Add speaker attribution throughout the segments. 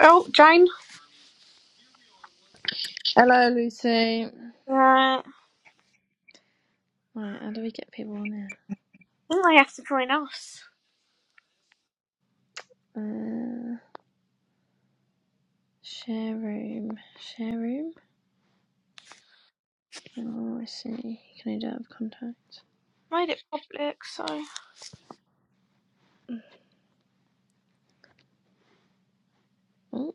Speaker 1: Well, Jane,
Speaker 2: Hello, Lucy.
Speaker 1: uh, I
Speaker 2: Right, how do we get people on here?
Speaker 1: think they have to join us.
Speaker 2: Uh, share room. Share room? Oh, I see. Can I do have contact?
Speaker 1: Made it public, so
Speaker 2: Oh,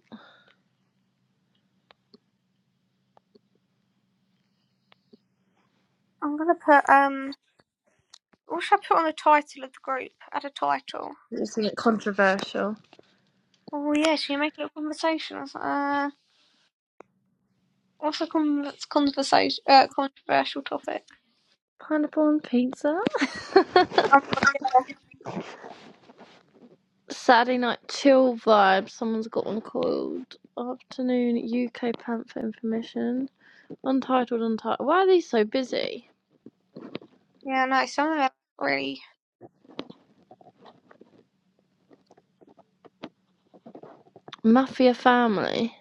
Speaker 1: I'm gonna put um. What should I put on the title of the group? Add a title.
Speaker 2: this isn't controversial.
Speaker 1: Oh yeah, should you make it a conversation? Uh, what's a con- conversation? Uh, controversial topic.
Speaker 2: Pineapple and pizza?
Speaker 1: Oh,
Speaker 2: Saturday night chill vibe. Someone's got one called Afternoon UK Panther Information. Untitled, untitled. Why are these so busy?
Speaker 1: yeah, no, some of them really.
Speaker 2: Mafia Family.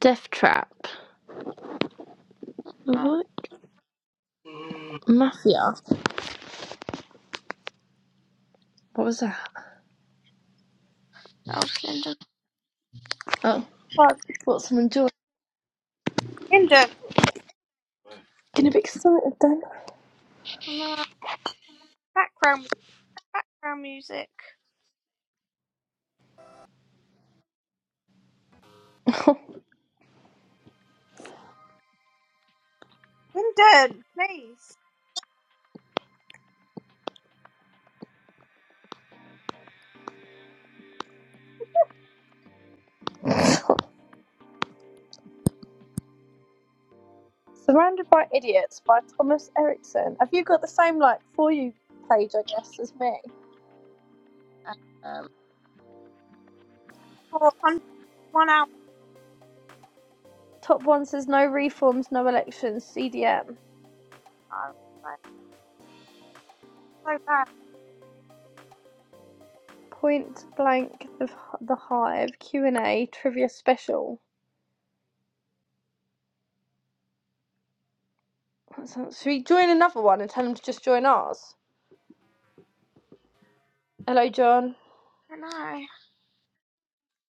Speaker 2: Death Trap.
Speaker 1: Oh,
Speaker 2: What?
Speaker 1: mm.
Speaker 2: Mafia. What was that?
Speaker 1: that was Lyndon.
Speaker 2: Oh,
Speaker 1: What?
Speaker 2: got some enjoy.
Speaker 1: Lyndon.
Speaker 2: Gonna be excited then.
Speaker 1: No, background background music. Lyndon, please.
Speaker 2: Surrounded by Idiots by Thomas Erickson. Have you got the same like for you page, I guess, as me?
Speaker 1: Um, for one hour.
Speaker 2: Top one says no reforms, no elections, CDM.
Speaker 1: Oh, so bad.
Speaker 2: Point blank, the, the Hive, Q&A, trivia special. That sounds- Should we join another one and tell them to just join ours? Hello, John.
Speaker 1: Hello.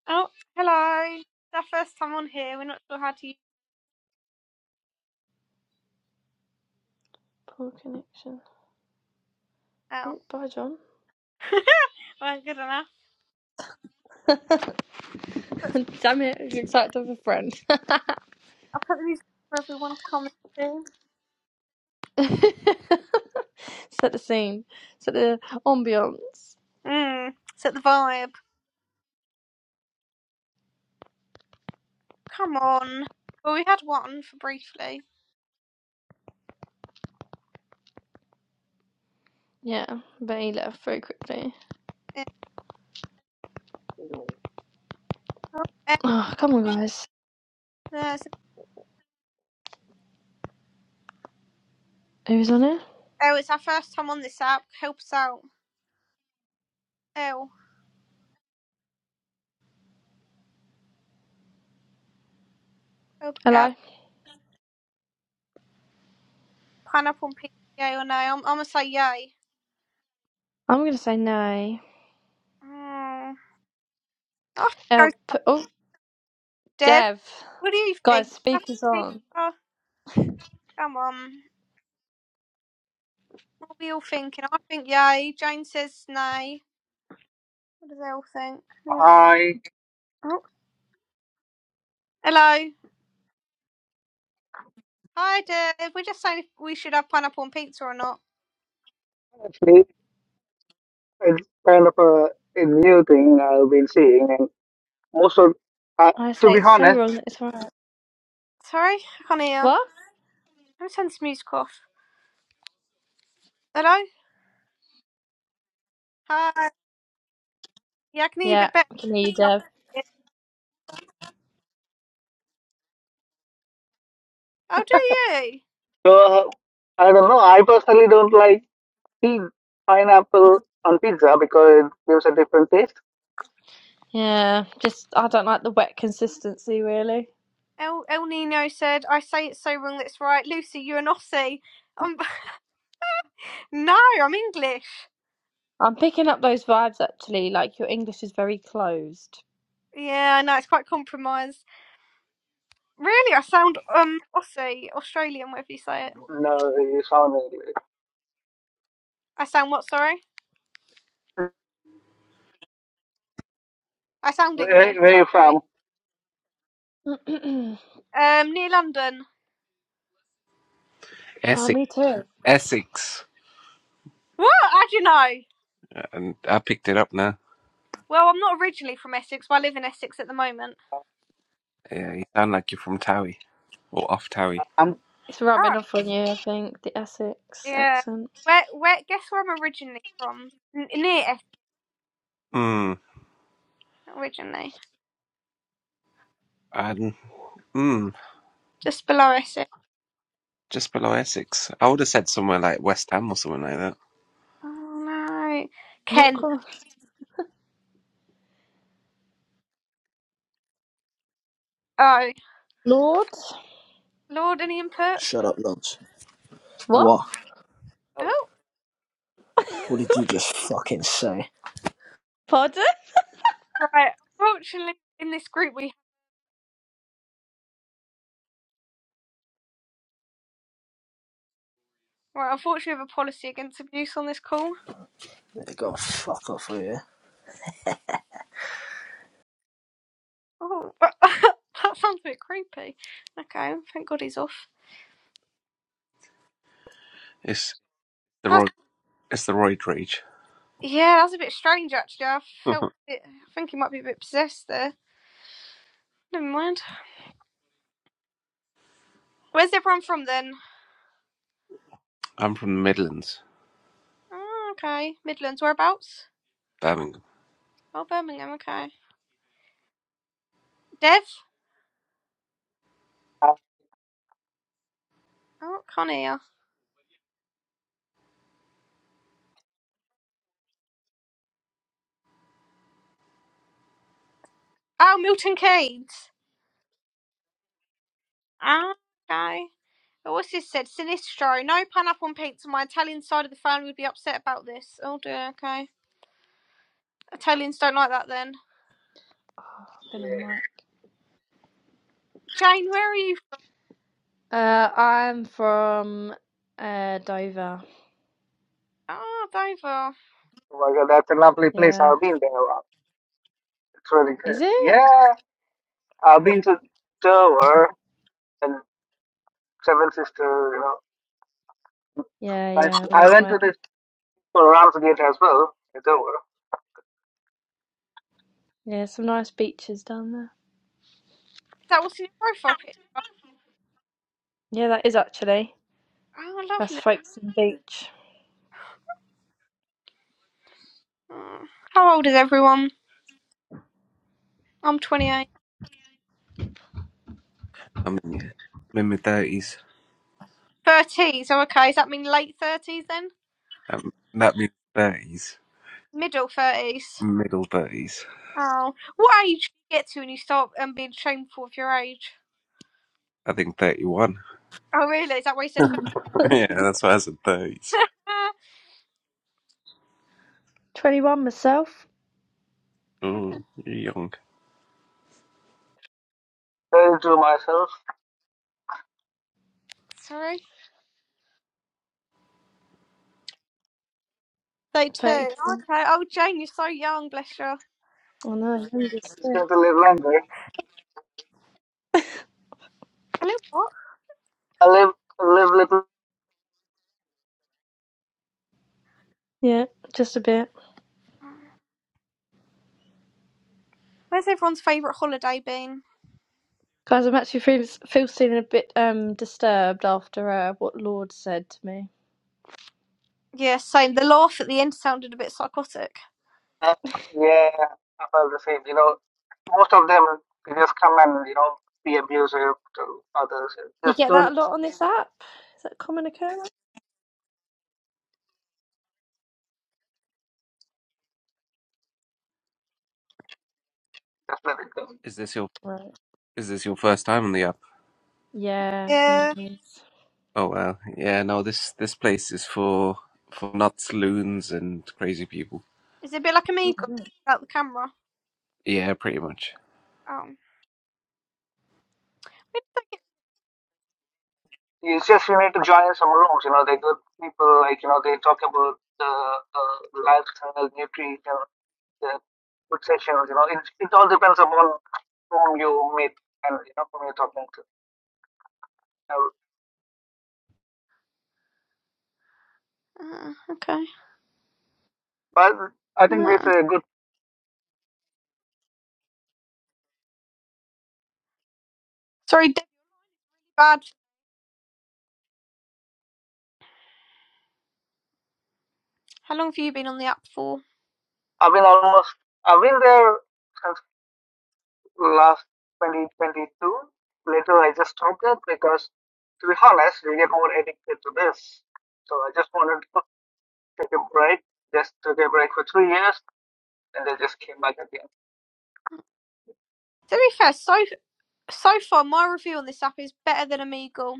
Speaker 1: Oh, hello. It's our first time on here. We're not sure how to use it
Speaker 2: Poor connection.
Speaker 1: now.
Speaker 2: Oh, bye, John.
Speaker 1: weren't good enough. But
Speaker 2: Damn it, I'm excited to have a friend.
Speaker 1: I'll put the music for everyone to comment to.
Speaker 2: Set the scene, set the ambiance.
Speaker 1: Mmm. set the vibe. Come on. Well, we had one for briefly.
Speaker 2: Yeah, but he left very quickly.
Speaker 1: Yeah. Oh, Elle,
Speaker 2: Oh, come on, guys.
Speaker 1: there's-
Speaker 2: Who's on it?
Speaker 1: Elle, it's our first time on this app. Help us out. Elle, help a girl.
Speaker 2: Hello?
Speaker 1: Pineapple and pizza, yay or no? I'm, I'm going to say yay.
Speaker 2: I'm gonna say no.
Speaker 1: Mm. I think I'll go
Speaker 2: Oh,
Speaker 1: to
Speaker 2: p- oh,
Speaker 1: Deb.
Speaker 2: Dev.
Speaker 1: What do you
Speaker 2: Guys,
Speaker 1: think? Pineapple
Speaker 2: speaker's
Speaker 1: and
Speaker 2: on.
Speaker 1: pizza? Come on. What are we all thinking? I think yay. Jane says nay. What do they all think? Yeah.
Speaker 3: I
Speaker 1: Oh. Hello. Hi, Dave. We're just saying if we should have pineapple on pizza or not.
Speaker 3: actually, it's kind of a, a new thing I've been seeing, and most of, uh,
Speaker 2: I
Speaker 3: to
Speaker 2: say
Speaker 3: be
Speaker 2: it's so
Speaker 3: honest,
Speaker 2: wrong that it's right.
Speaker 1: Sorry, I can't hear.
Speaker 2: What?
Speaker 1: Let me turn this music off. Hello? Hi. Yeah, I can hear you a
Speaker 2: Yeah,
Speaker 1: bit better.
Speaker 2: I can hear you, Dev.
Speaker 1: Oh, do you?
Speaker 3: uh, I don't know. I personally don't like tea, pineapple on pizza because it gives a different taste.
Speaker 2: Yeah, just, I don't like the wet consistency, really.
Speaker 1: El, El Nino said, I say it's so wrong that's right. Lucy, you're an Aussie. Um, no, I'm English.
Speaker 2: I'm picking up those vibes, actually. Like, your English is very closed.
Speaker 1: Yeah, I know, it's quite compromised. Really, I sound um Aussie, Australian, whatever you say it.
Speaker 3: No, you sound
Speaker 1: I sound what, sorry?
Speaker 3: uh,
Speaker 1: I sound English.
Speaker 3: where, where
Speaker 1: You're
Speaker 3: you
Speaker 1: okay.
Speaker 3: from?
Speaker 2: oh,
Speaker 1: Um, near London.
Speaker 4: Essex,
Speaker 2: me too.
Speaker 4: Essex,
Speaker 1: What? How do you know?
Speaker 4: and I picked it up now.
Speaker 1: Well, I'm not originally from Essex, but I live in Essex at the moment.
Speaker 4: Yeah, you sound like you're from Towie or off Towie.
Speaker 3: I'm,
Speaker 2: It's
Speaker 1: Oh,
Speaker 2: rubbing off on you, I think, the Essex
Speaker 1: yeah.
Speaker 2: accent.
Speaker 1: Where? Where? Guess where I'm originally from? N- near Essex
Speaker 4: Mm,
Speaker 1: originally,
Speaker 4: and mm,
Speaker 1: just below Essex.
Speaker 4: just below Essex. I would have said somewhere like West Ham or something like that.
Speaker 1: Oh no,
Speaker 2: Not
Speaker 1: Kent.
Speaker 2: cool.
Speaker 1: Oh,
Speaker 2: Lord?
Speaker 1: Lord, any input?
Speaker 5: Shut up, lunch.
Speaker 2: What?
Speaker 5: What?
Speaker 3: uh,
Speaker 1: Oh,
Speaker 5: What did you just fucking say?
Speaker 2: Pardon?
Speaker 1: right. Unfortunately, in this group we right. Unfortunately, we have a policy against abuse on this call.
Speaker 5: Go fuck off with you.
Speaker 1: Oh, that sounds a bit creepy. Okay, thank God he's off.
Speaker 4: It's the
Speaker 1: That
Speaker 4: Roy, it's the Royd Rage.
Speaker 1: Yeah, that's a bit strange actually. I felt
Speaker 4: I'm
Speaker 1: it. I think he might be a bit possessed there. Never mind. Where's everyone from then?
Speaker 4: from the Midlands,
Speaker 1: Oh, okay. Midlands, whereabouts?
Speaker 4: Birmingham.
Speaker 1: Oh, Birmingham, okay. Dev?
Speaker 3: uh,
Speaker 1: Oh, can't hear. Oh, Milton Keynes. Ah, okay. Oh, What's this said? Sinistro. No pineapple on pizza. My Italian side of the family would be upset about this. Oh dear, okay. Italians don't like that then.
Speaker 3: yeah.
Speaker 2: Been a month.
Speaker 1: Jane, where are you?
Speaker 2: Uh, I'm from uh Dover.
Speaker 1: Oh, Dover.
Speaker 3: Oh my God, that's a lovely place.
Speaker 2: Yeah.
Speaker 3: I've been there. Wow, It's really
Speaker 2: Is
Speaker 3: good.
Speaker 2: it?
Speaker 3: Yeah, I've been to Dover and Seven Sisters. You know,
Speaker 2: Yeah,
Speaker 3: nice.
Speaker 2: yeah, all
Speaker 3: I
Speaker 2: that
Speaker 3: went
Speaker 2: way.
Speaker 3: to the for Ramsgate as well. It's over.
Speaker 2: Yeah, some nice beaches down there.
Speaker 1: Is that what's in your profile pic?
Speaker 2: Yeah, that is actually.
Speaker 1: Oh,
Speaker 2: That's
Speaker 1: lovely.
Speaker 2: Folkestone Beach.
Speaker 1: Oh. How old is everyone? I'm 28.
Speaker 4: I'm in, I'm in my thirties.
Speaker 1: Thirties. Oh, okay. Does that mean late thirties then?
Speaker 4: Um, that means thirties,
Speaker 1: Middle thirties.
Speaker 4: middle thirties.
Speaker 1: Oh, what age do you get to when you start um, being shameful of your age?
Speaker 4: I think thirty-one.
Speaker 1: Oh, really? Is that why you said? thir-
Speaker 4: yeah, that's why I said thirties.
Speaker 1: Ah,
Speaker 2: 21 myself.
Speaker 4: Mm, you're young.
Speaker 3: Saying to myself,
Speaker 1: sorry. They too.
Speaker 2: 32.
Speaker 1: Okay. Oh, Jane, you're so young. Bless you.
Speaker 2: Oh no, I'm just
Speaker 3: he's
Speaker 2: sick.
Speaker 3: going to live longer.
Speaker 1: Hello. What?
Speaker 3: I live, live little.
Speaker 2: Yeah, just a bit.
Speaker 1: Where's everyone's favourite holiday been?
Speaker 2: Guys, I'm actually feel, feel feeling a bit um disturbed after uh, what Lord said to me.
Speaker 1: Yeah, same. The laugh at the end sounded a bit psychotic.
Speaker 3: Uh, Yeah, I felt the same. You know, most of them they just come and you know be abusive to others.
Speaker 2: You
Speaker 3: Just
Speaker 2: get that
Speaker 3: don't,
Speaker 2: a lot on this app? Is that common occurrence?
Speaker 3: just let it go.
Speaker 4: Is this your
Speaker 2: Right.
Speaker 4: is this your first time on the app?
Speaker 2: Yeah, yeah,
Speaker 1: Yeah.
Speaker 2: it
Speaker 4: Oh well, yeah. No, this this place is for for nuts, loons, and crazy people.
Speaker 1: Is it a bit like a meagle
Speaker 2: is.
Speaker 1: without the camera?
Speaker 4: Yeah, pretty much.
Speaker 1: Oh.
Speaker 3: It's just you need to join some rooms. You know, they good people. Like you know, they talk about the uh, lifestyle, nutrition, the food sessions. You know, it, it all depends upon whom you meet and you know whom you're talking to. Now,
Speaker 1: Uh, okay.
Speaker 3: But I think with
Speaker 1: Uh.
Speaker 3: a good,
Speaker 1: Sorry, Debbie. Bad. How long have you been on the app for?
Speaker 3: I've been almost, I've been there since last 2022. Later, I just stopped it because, to be honest, we get more addicted to this. So I just wanted to take a break. Just took a break for three years, and they just came back again.
Speaker 1: To be fair, so. So far, my review on this app is better than Omegle.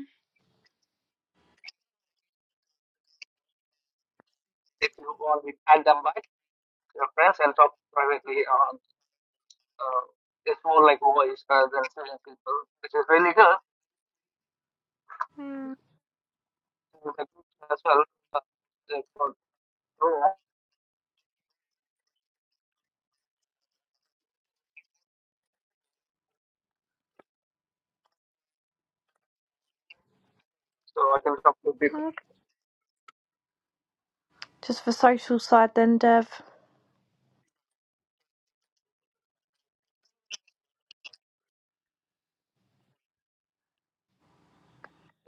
Speaker 3: If you want, we add them back to your friends and talk privately on. Uh, it's more like voice rather than seeing people, which is really good.
Speaker 1: Mm,
Speaker 3: It's a good as well. Uh, like, for room, so I can talk to people.
Speaker 1: okay.
Speaker 2: Just the social side then, Dev.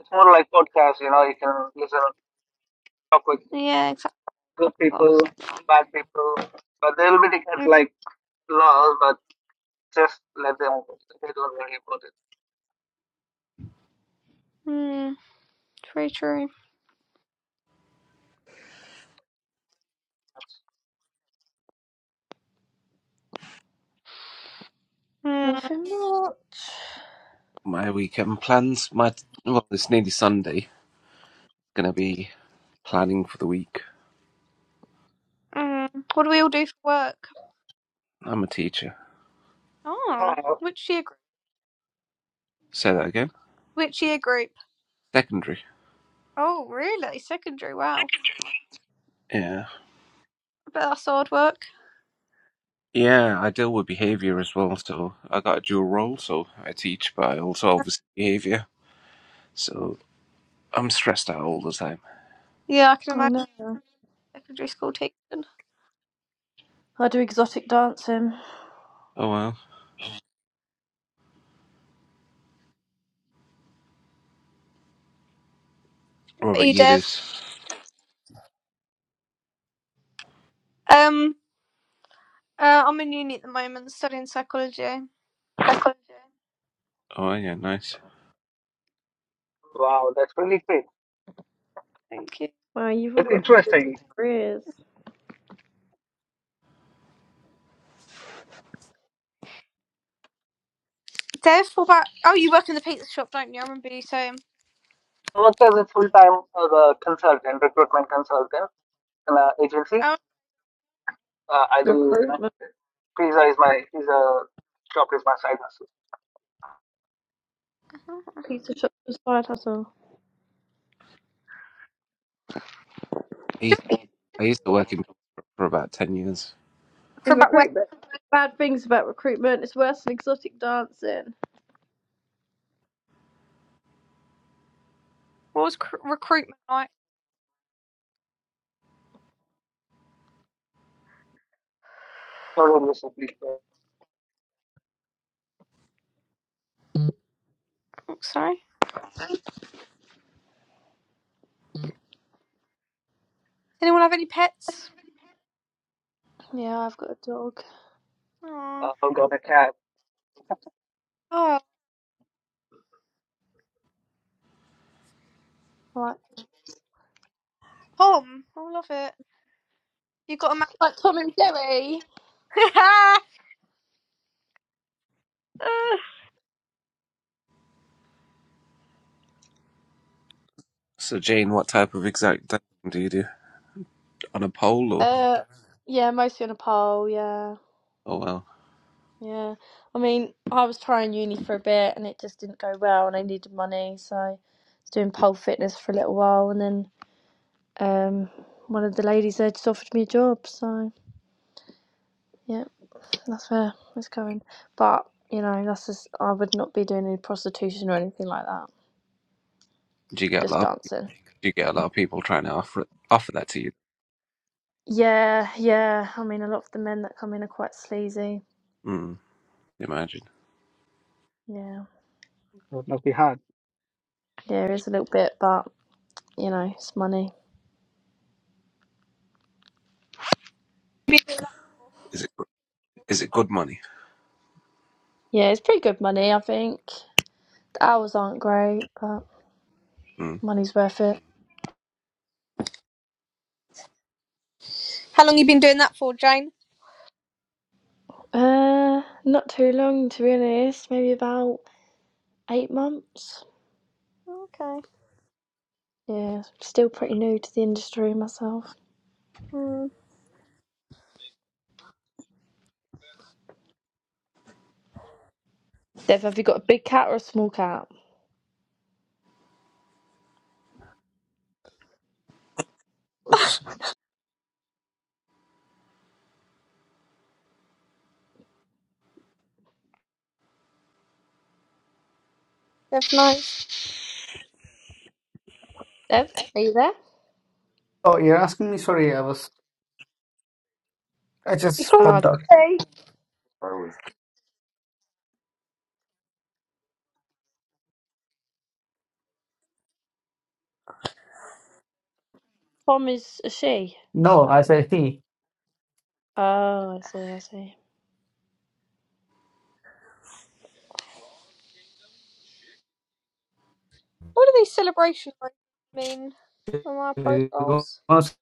Speaker 3: It's more like podcast, you know, you can listen talk with
Speaker 1: Yeah, exactly.
Speaker 3: good
Speaker 1: Podcast.
Speaker 3: people, bad people, but they'll be different
Speaker 1: Mm,
Speaker 3: like laws, but just let them go. They don't really about
Speaker 1: mm, true, true.
Speaker 3: it.
Speaker 1: Mm,
Speaker 2: Nothing much.
Speaker 4: My weekend plans. My well, it's nearly Sunday. Gonna be planning for the week.
Speaker 1: mm. What do we all do for work?
Speaker 4: I'm a teacher.
Speaker 1: Oh,
Speaker 3: Oh,
Speaker 1: which year?
Speaker 4: Say that again.
Speaker 1: Which year group?
Speaker 4: Secondary.
Speaker 1: Oh, really? Secondary. Wow.
Speaker 4: Yeah,
Speaker 1: I bet that's hard work.
Speaker 4: yeah. I deal with behavior as well, so I got a dual role. So I teach, but I also oversee behavior. So I'm stressed out all the time.
Speaker 1: Yeah, I can
Speaker 2: Oh
Speaker 1: imagine
Speaker 2: no.
Speaker 1: secondary school teaching. What
Speaker 2: I do exotic dancing.
Speaker 4: Oh well. What about
Speaker 1: You,
Speaker 4: you, Luce?
Speaker 1: Dev. Um, uh, I'm in uni at the moment, studying psychology.
Speaker 4: Oh yeah, nice.
Speaker 3: wow, that's really great.
Speaker 1: Thank you,
Speaker 2: Wow, you've all
Speaker 3: It's
Speaker 2: got
Speaker 3: interesting.
Speaker 2: careers.
Speaker 1: Dev. What about? Oh, you work in the pizza shop, don't you? I remember you saying.
Speaker 3: I work as a full time as a consultant, recruitment consultant in an agency.
Speaker 1: Oh,
Speaker 3: Uh, I do, you know,
Speaker 2: Recruitment.
Speaker 3: pizza is my pizza shop is my side hustle.
Speaker 1: uh-huh.
Speaker 2: Pizza shop and side hustle.
Speaker 4: I used, I used to work in for about ten years.
Speaker 1: for
Speaker 2: In
Speaker 1: about where?
Speaker 2: recruitment. Bad things about recruitment. It's worse than exotic dancing.
Speaker 1: What was cr- recruitment like?
Speaker 3: Started recently, so
Speaker 1: Oh, sorry. Does anyone have any pets?
Speaker 2: Yeah, I've got a dog.
Speaker 1: Oh,
Speaker 3: uh, I've got a cat.
Speaker 1: oh,
Speaker 2: Like,
Speaker 1: Tom. I love it. You got a man.
Speaker 2: like Tom and Jerry.
Speaker 4: So, Jane, what type of exact dancing do you do on a pole, or
Speaker 2: Uh, yeah, mostly on a pole, yeah.
Speaker 4: oh well,
Speaker 2: Yeah, I mean, I was trying uni for a bit and it just didn't go well, and I needed money, so I was doing pole fitness for a little while, and then um, one of the ladies there just offered me a job, so yeah, that's where it's going. But you know, that's just I would not be doing any prostitution or anything like that,
Speaker 4: do you get a
Speaker 2: just
Speaker 4: lot? Of,
Speaker 2: dancing.
Speaker 4: do you get a lot of people trying to offer offer that to you?
Speaker 2: Yeah, yeah. I mean, a lot of the men that come in are quite sleazy.
Speaker 4: Mm, imagine.
Speaker 2: Yeah,
Speaker 3: It must be hard.
Speaker 2: yeah, it is a little bit, but you know, it's money.
Speaker 4: Is it is it good money?
Speaker 2: Yeah, it's pretty good money, I think. The hours aren't great, but.
Speaker 4: Mm.
Speaker 2: Money's worth it.
Speaker 1: How long you been doing that for, Jane?
Speaker 2: Uh, not too long to be honest. Maybe about eight months.
Speaker 1: Okay.
Speaker 2: Yeah, still pretty new to the industry myself.
Speaker 1: Hmm.
Speaker 2: Dev, have you got a big cat or a small cat?
Speaker 1: That's nice.
Speaker 2: Dev, are you there?
Speaker 3: Oh, you're asking me? Sorry, I was. I just.
Speaker 1: Before
Speaker 2: Ah,
Speaker 1: they,
Speaker 2: Tom is a she.
Speaker 3: No, as I see,
Speaker 2: Oh, I see. I see.
Speaker 1: what do these celebrations like mean on my
Speaker 3: you want
Speaker 1: profiles?
Speaker 3: to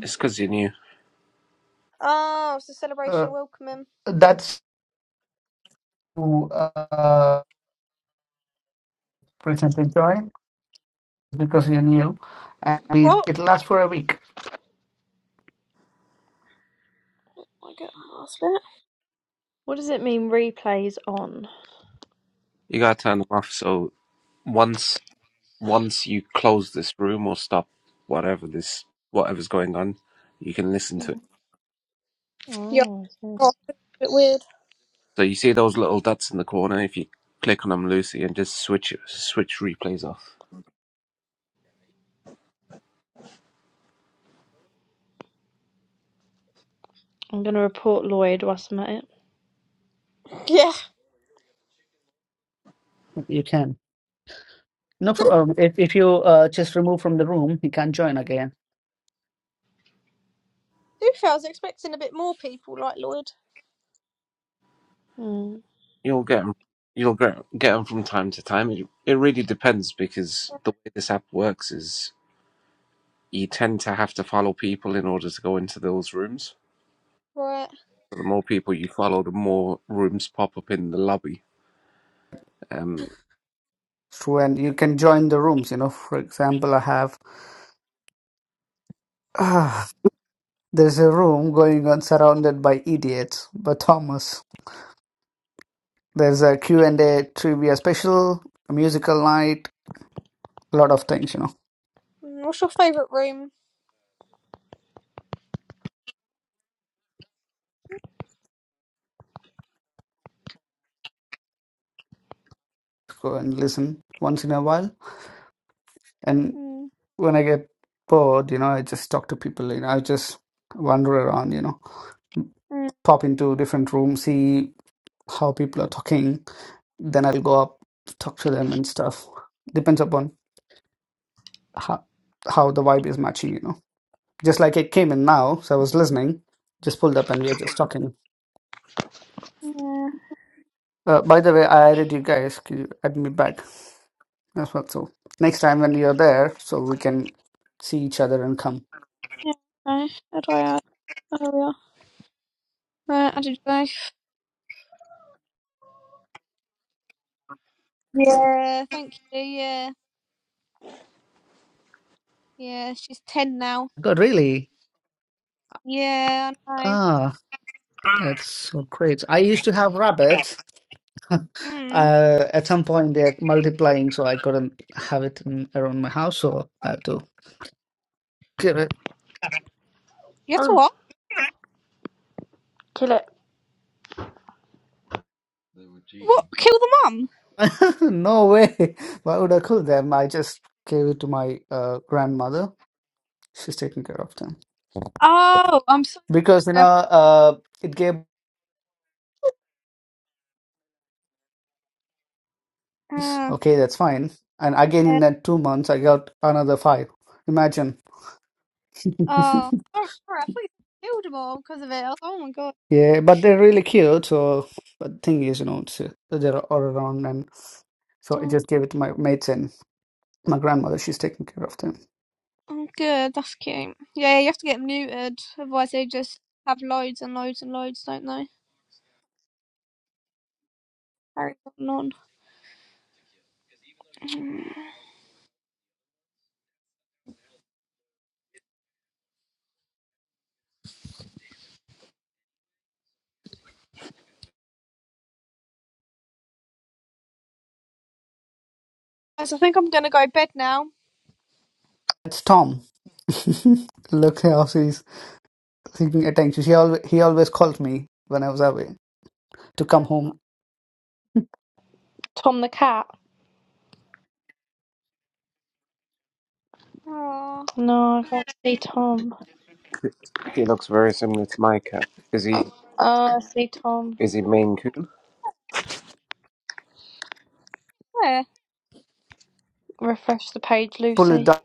Speaker 4: It's because you're new.
Speaker 1: Oh, it's a
Speaker 3: uh,
Speaker 1: celebration welcoming.
Speaker 3: that's uh, prevent you and
Speaker 1: What? I get that last bit.
Speaker 2: What does it mean? Replays on.
Speaker 4: You gotta turn them off. So once once you close this room or stop whatever this whatever's going on, you can listen to it.
Speaker 1: Yeah,
Speaker 2: Oh, I see.
Speaker 1: oh, a bit weird.
Speaker 4: So you see those little dots in the corner. If you click on them, Lucy, and just switch switch replays off.
Speaker 2: I'm gonna report Lloyd whilst I'm at it.
Speaker 1: Yeah.
Speaker 3: you can. No, pro-
Speaker 1: To
Speaker 3: um, if if you uh, just remove from the room, you can't join again.
Speaker 1: be fair, I was expecting a bit more people like Lloyd.
Speaker 2: Mm.
Speaker 4: You'll get 'em- you'll get get 'em from time to time. It it really depends because the way this app works is you tend to have to follow people in order to go into those rooms.
Speaker 1: Right.
Speaker 4: So the more people you follow, the more rooms pop up in the lobby. Um,
Speaker 3: True, and you can join the rooms. You know, for example, I have Ah, there's a room going on surrounded by idiots. But Thomas, there's a Q and A trivia special, a musical night, a lot of things. You know,
Speaker 1: Mm, What's your favourite room?
Speaker 3: go and listen once in a while. and.
Speaker 1: Mm.
Speaker 3: when I get bored, you know, I just talk to people. You know, I just wander around. You know,
Speaker 1: Mm,
Speaker 3: pop into different rooms, see how people are talking. Then I'll go up, talk to them and stuff. Depends upon how how the vibe is matching. You know, just like it came in now, so I was listening. Just pulled up and we are just talking.
Speaker 1: yeah,
Speaker 3: Uh, by the way, I added you guys. Can you add me back? That's what. So next time when you're there, so we can see each other and come.
Speaker 1: yeah, no, how do I add? Oh, there we are. Uh, added both. Yeah, thank you. Yeah, yeah, she's 10 now.
Speaker 3: God, really?
Speaker 1: Yeah, I know.
Speaker 3: That's so great. I used to have rabbit.
Speaker 1: Mm.
Speaker 3: Uh, at some point, they're multiplying, so I couldn't have it in, around my house, so I had to kill it.
Speaker 1: You have to
Speaker 2: Oh,
Speaker 1: what?
Speaker 2: kill it.
Speaker 1: They were cheating. What? Kill the mum?
Speaker 3: No way. Why would I kill them? I just gave it to my uh, grandmother. She's taking care of them.
Speaker 1: Oh, I'm sorry.
Speaker 3: Because, you
Speaker 1: I-
Speaker 3: know, uh, it gave,
Speaker 1: Uh,
Speaker 3: okay, that's fine. And again,
Speaker 1: yeah.
Speaker 3: in that two months, I got another five. Imagine.
Speaker 1: Oh, sorry, sorry, I thought you killed them all because of it. I was- Oh my god.
Speaker 3: Yeah, but they're really cute. So, but the thing is, you know, it's, uh, they're all around, and so I
Speaker 1: Oh,
Speaker 3: just gave it to my mates and my grandmother. She's taking care of them.
Speaker 1: oh, good, that's cute. Yeah, you have to get them neutered, otherwise they just have loads and loads and loads, don't they? Carry on. Guys, I think I'm gonna go to bed now.
Speaker 3: That's Tom. Look how she's seeking attention. She always he always called me when I was away. to come home.
Speaker 2: Tom the cat.
Speaker 1: Oh,
Speaker 2: No, I can't see Tom.
Speaker 4: he looks very similar to my cat. Is he?
Speaker 2: Oh, I see Tom.
Speaker 4: Is he Maine Coon?
Speaker 1: where?
Speaker 2: Refresh the page,
Speaker 3: Pull it
Speaker 2: Lucy.
Speaker 3: down,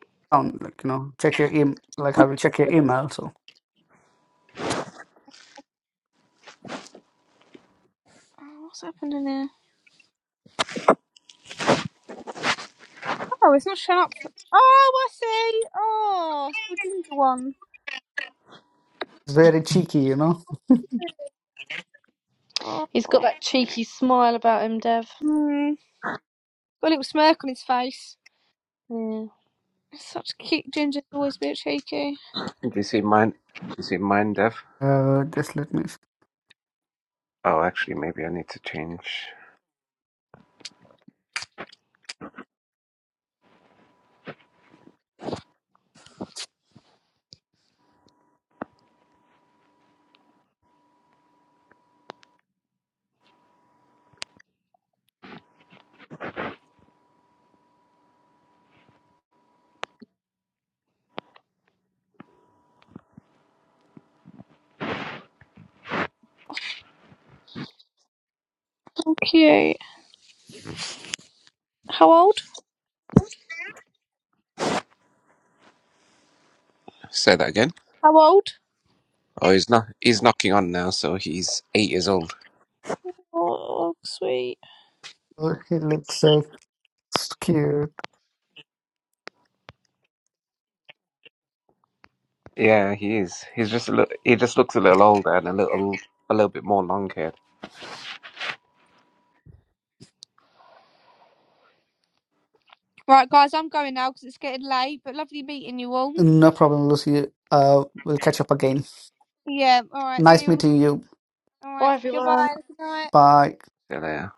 Speaker 3: like you know, check your em like I will check your email. So
Speaker 1: Oh, what's happened in here? Oh, it's not showing up. Oh, I see. Oh, it's the ginger one.
Speaker 3: it's very cheeky, you know.
Speaker 1: Oh,
Speaker 2: He's got that cheeky smile about him, Dev.
Speaker 1: hmm. Got a little smirk on his face.
Speaker 2: Yeah.
Speaker 1: Such cute ginger. always a bit cheeky.
Speaker 4: Do you see mine? Do you see mine, Dev?
Speaker 3: Uh, just let me.
Speaker 4: Oh, actually, maybe I need to change.
Speaker 1: How cute. How old?
Speaker 4: Say that again.
Speaker 1: How old?
Speaker 4: Oh, he's not. He's knocking on now, so he's eight years old.
Speaker 1: Oh, sweet.
Speaker 3: Oh, he looks so cute.
Speaker 4: Yeah, he is. He's just a little, he just looks a little older and a little a little bit more long-haired.
Speaker 1: Right, guys, I'm going now because it's getting late. But lovely meeting you all.
Speaker 3: No problem, Lucy. Uh, we'll catch up again.
Speaker 1: Yeah. All right. See
Speaker 3: Nice
Speaker 1: you. All,
Speaker 3: meeting you.
Speaker 1: all right.
Speaker 2: Bye, everyone.
Speaker 1: Goodbye. Good night.
Speaker 3: Bye.
Speaker 4: So, yeah.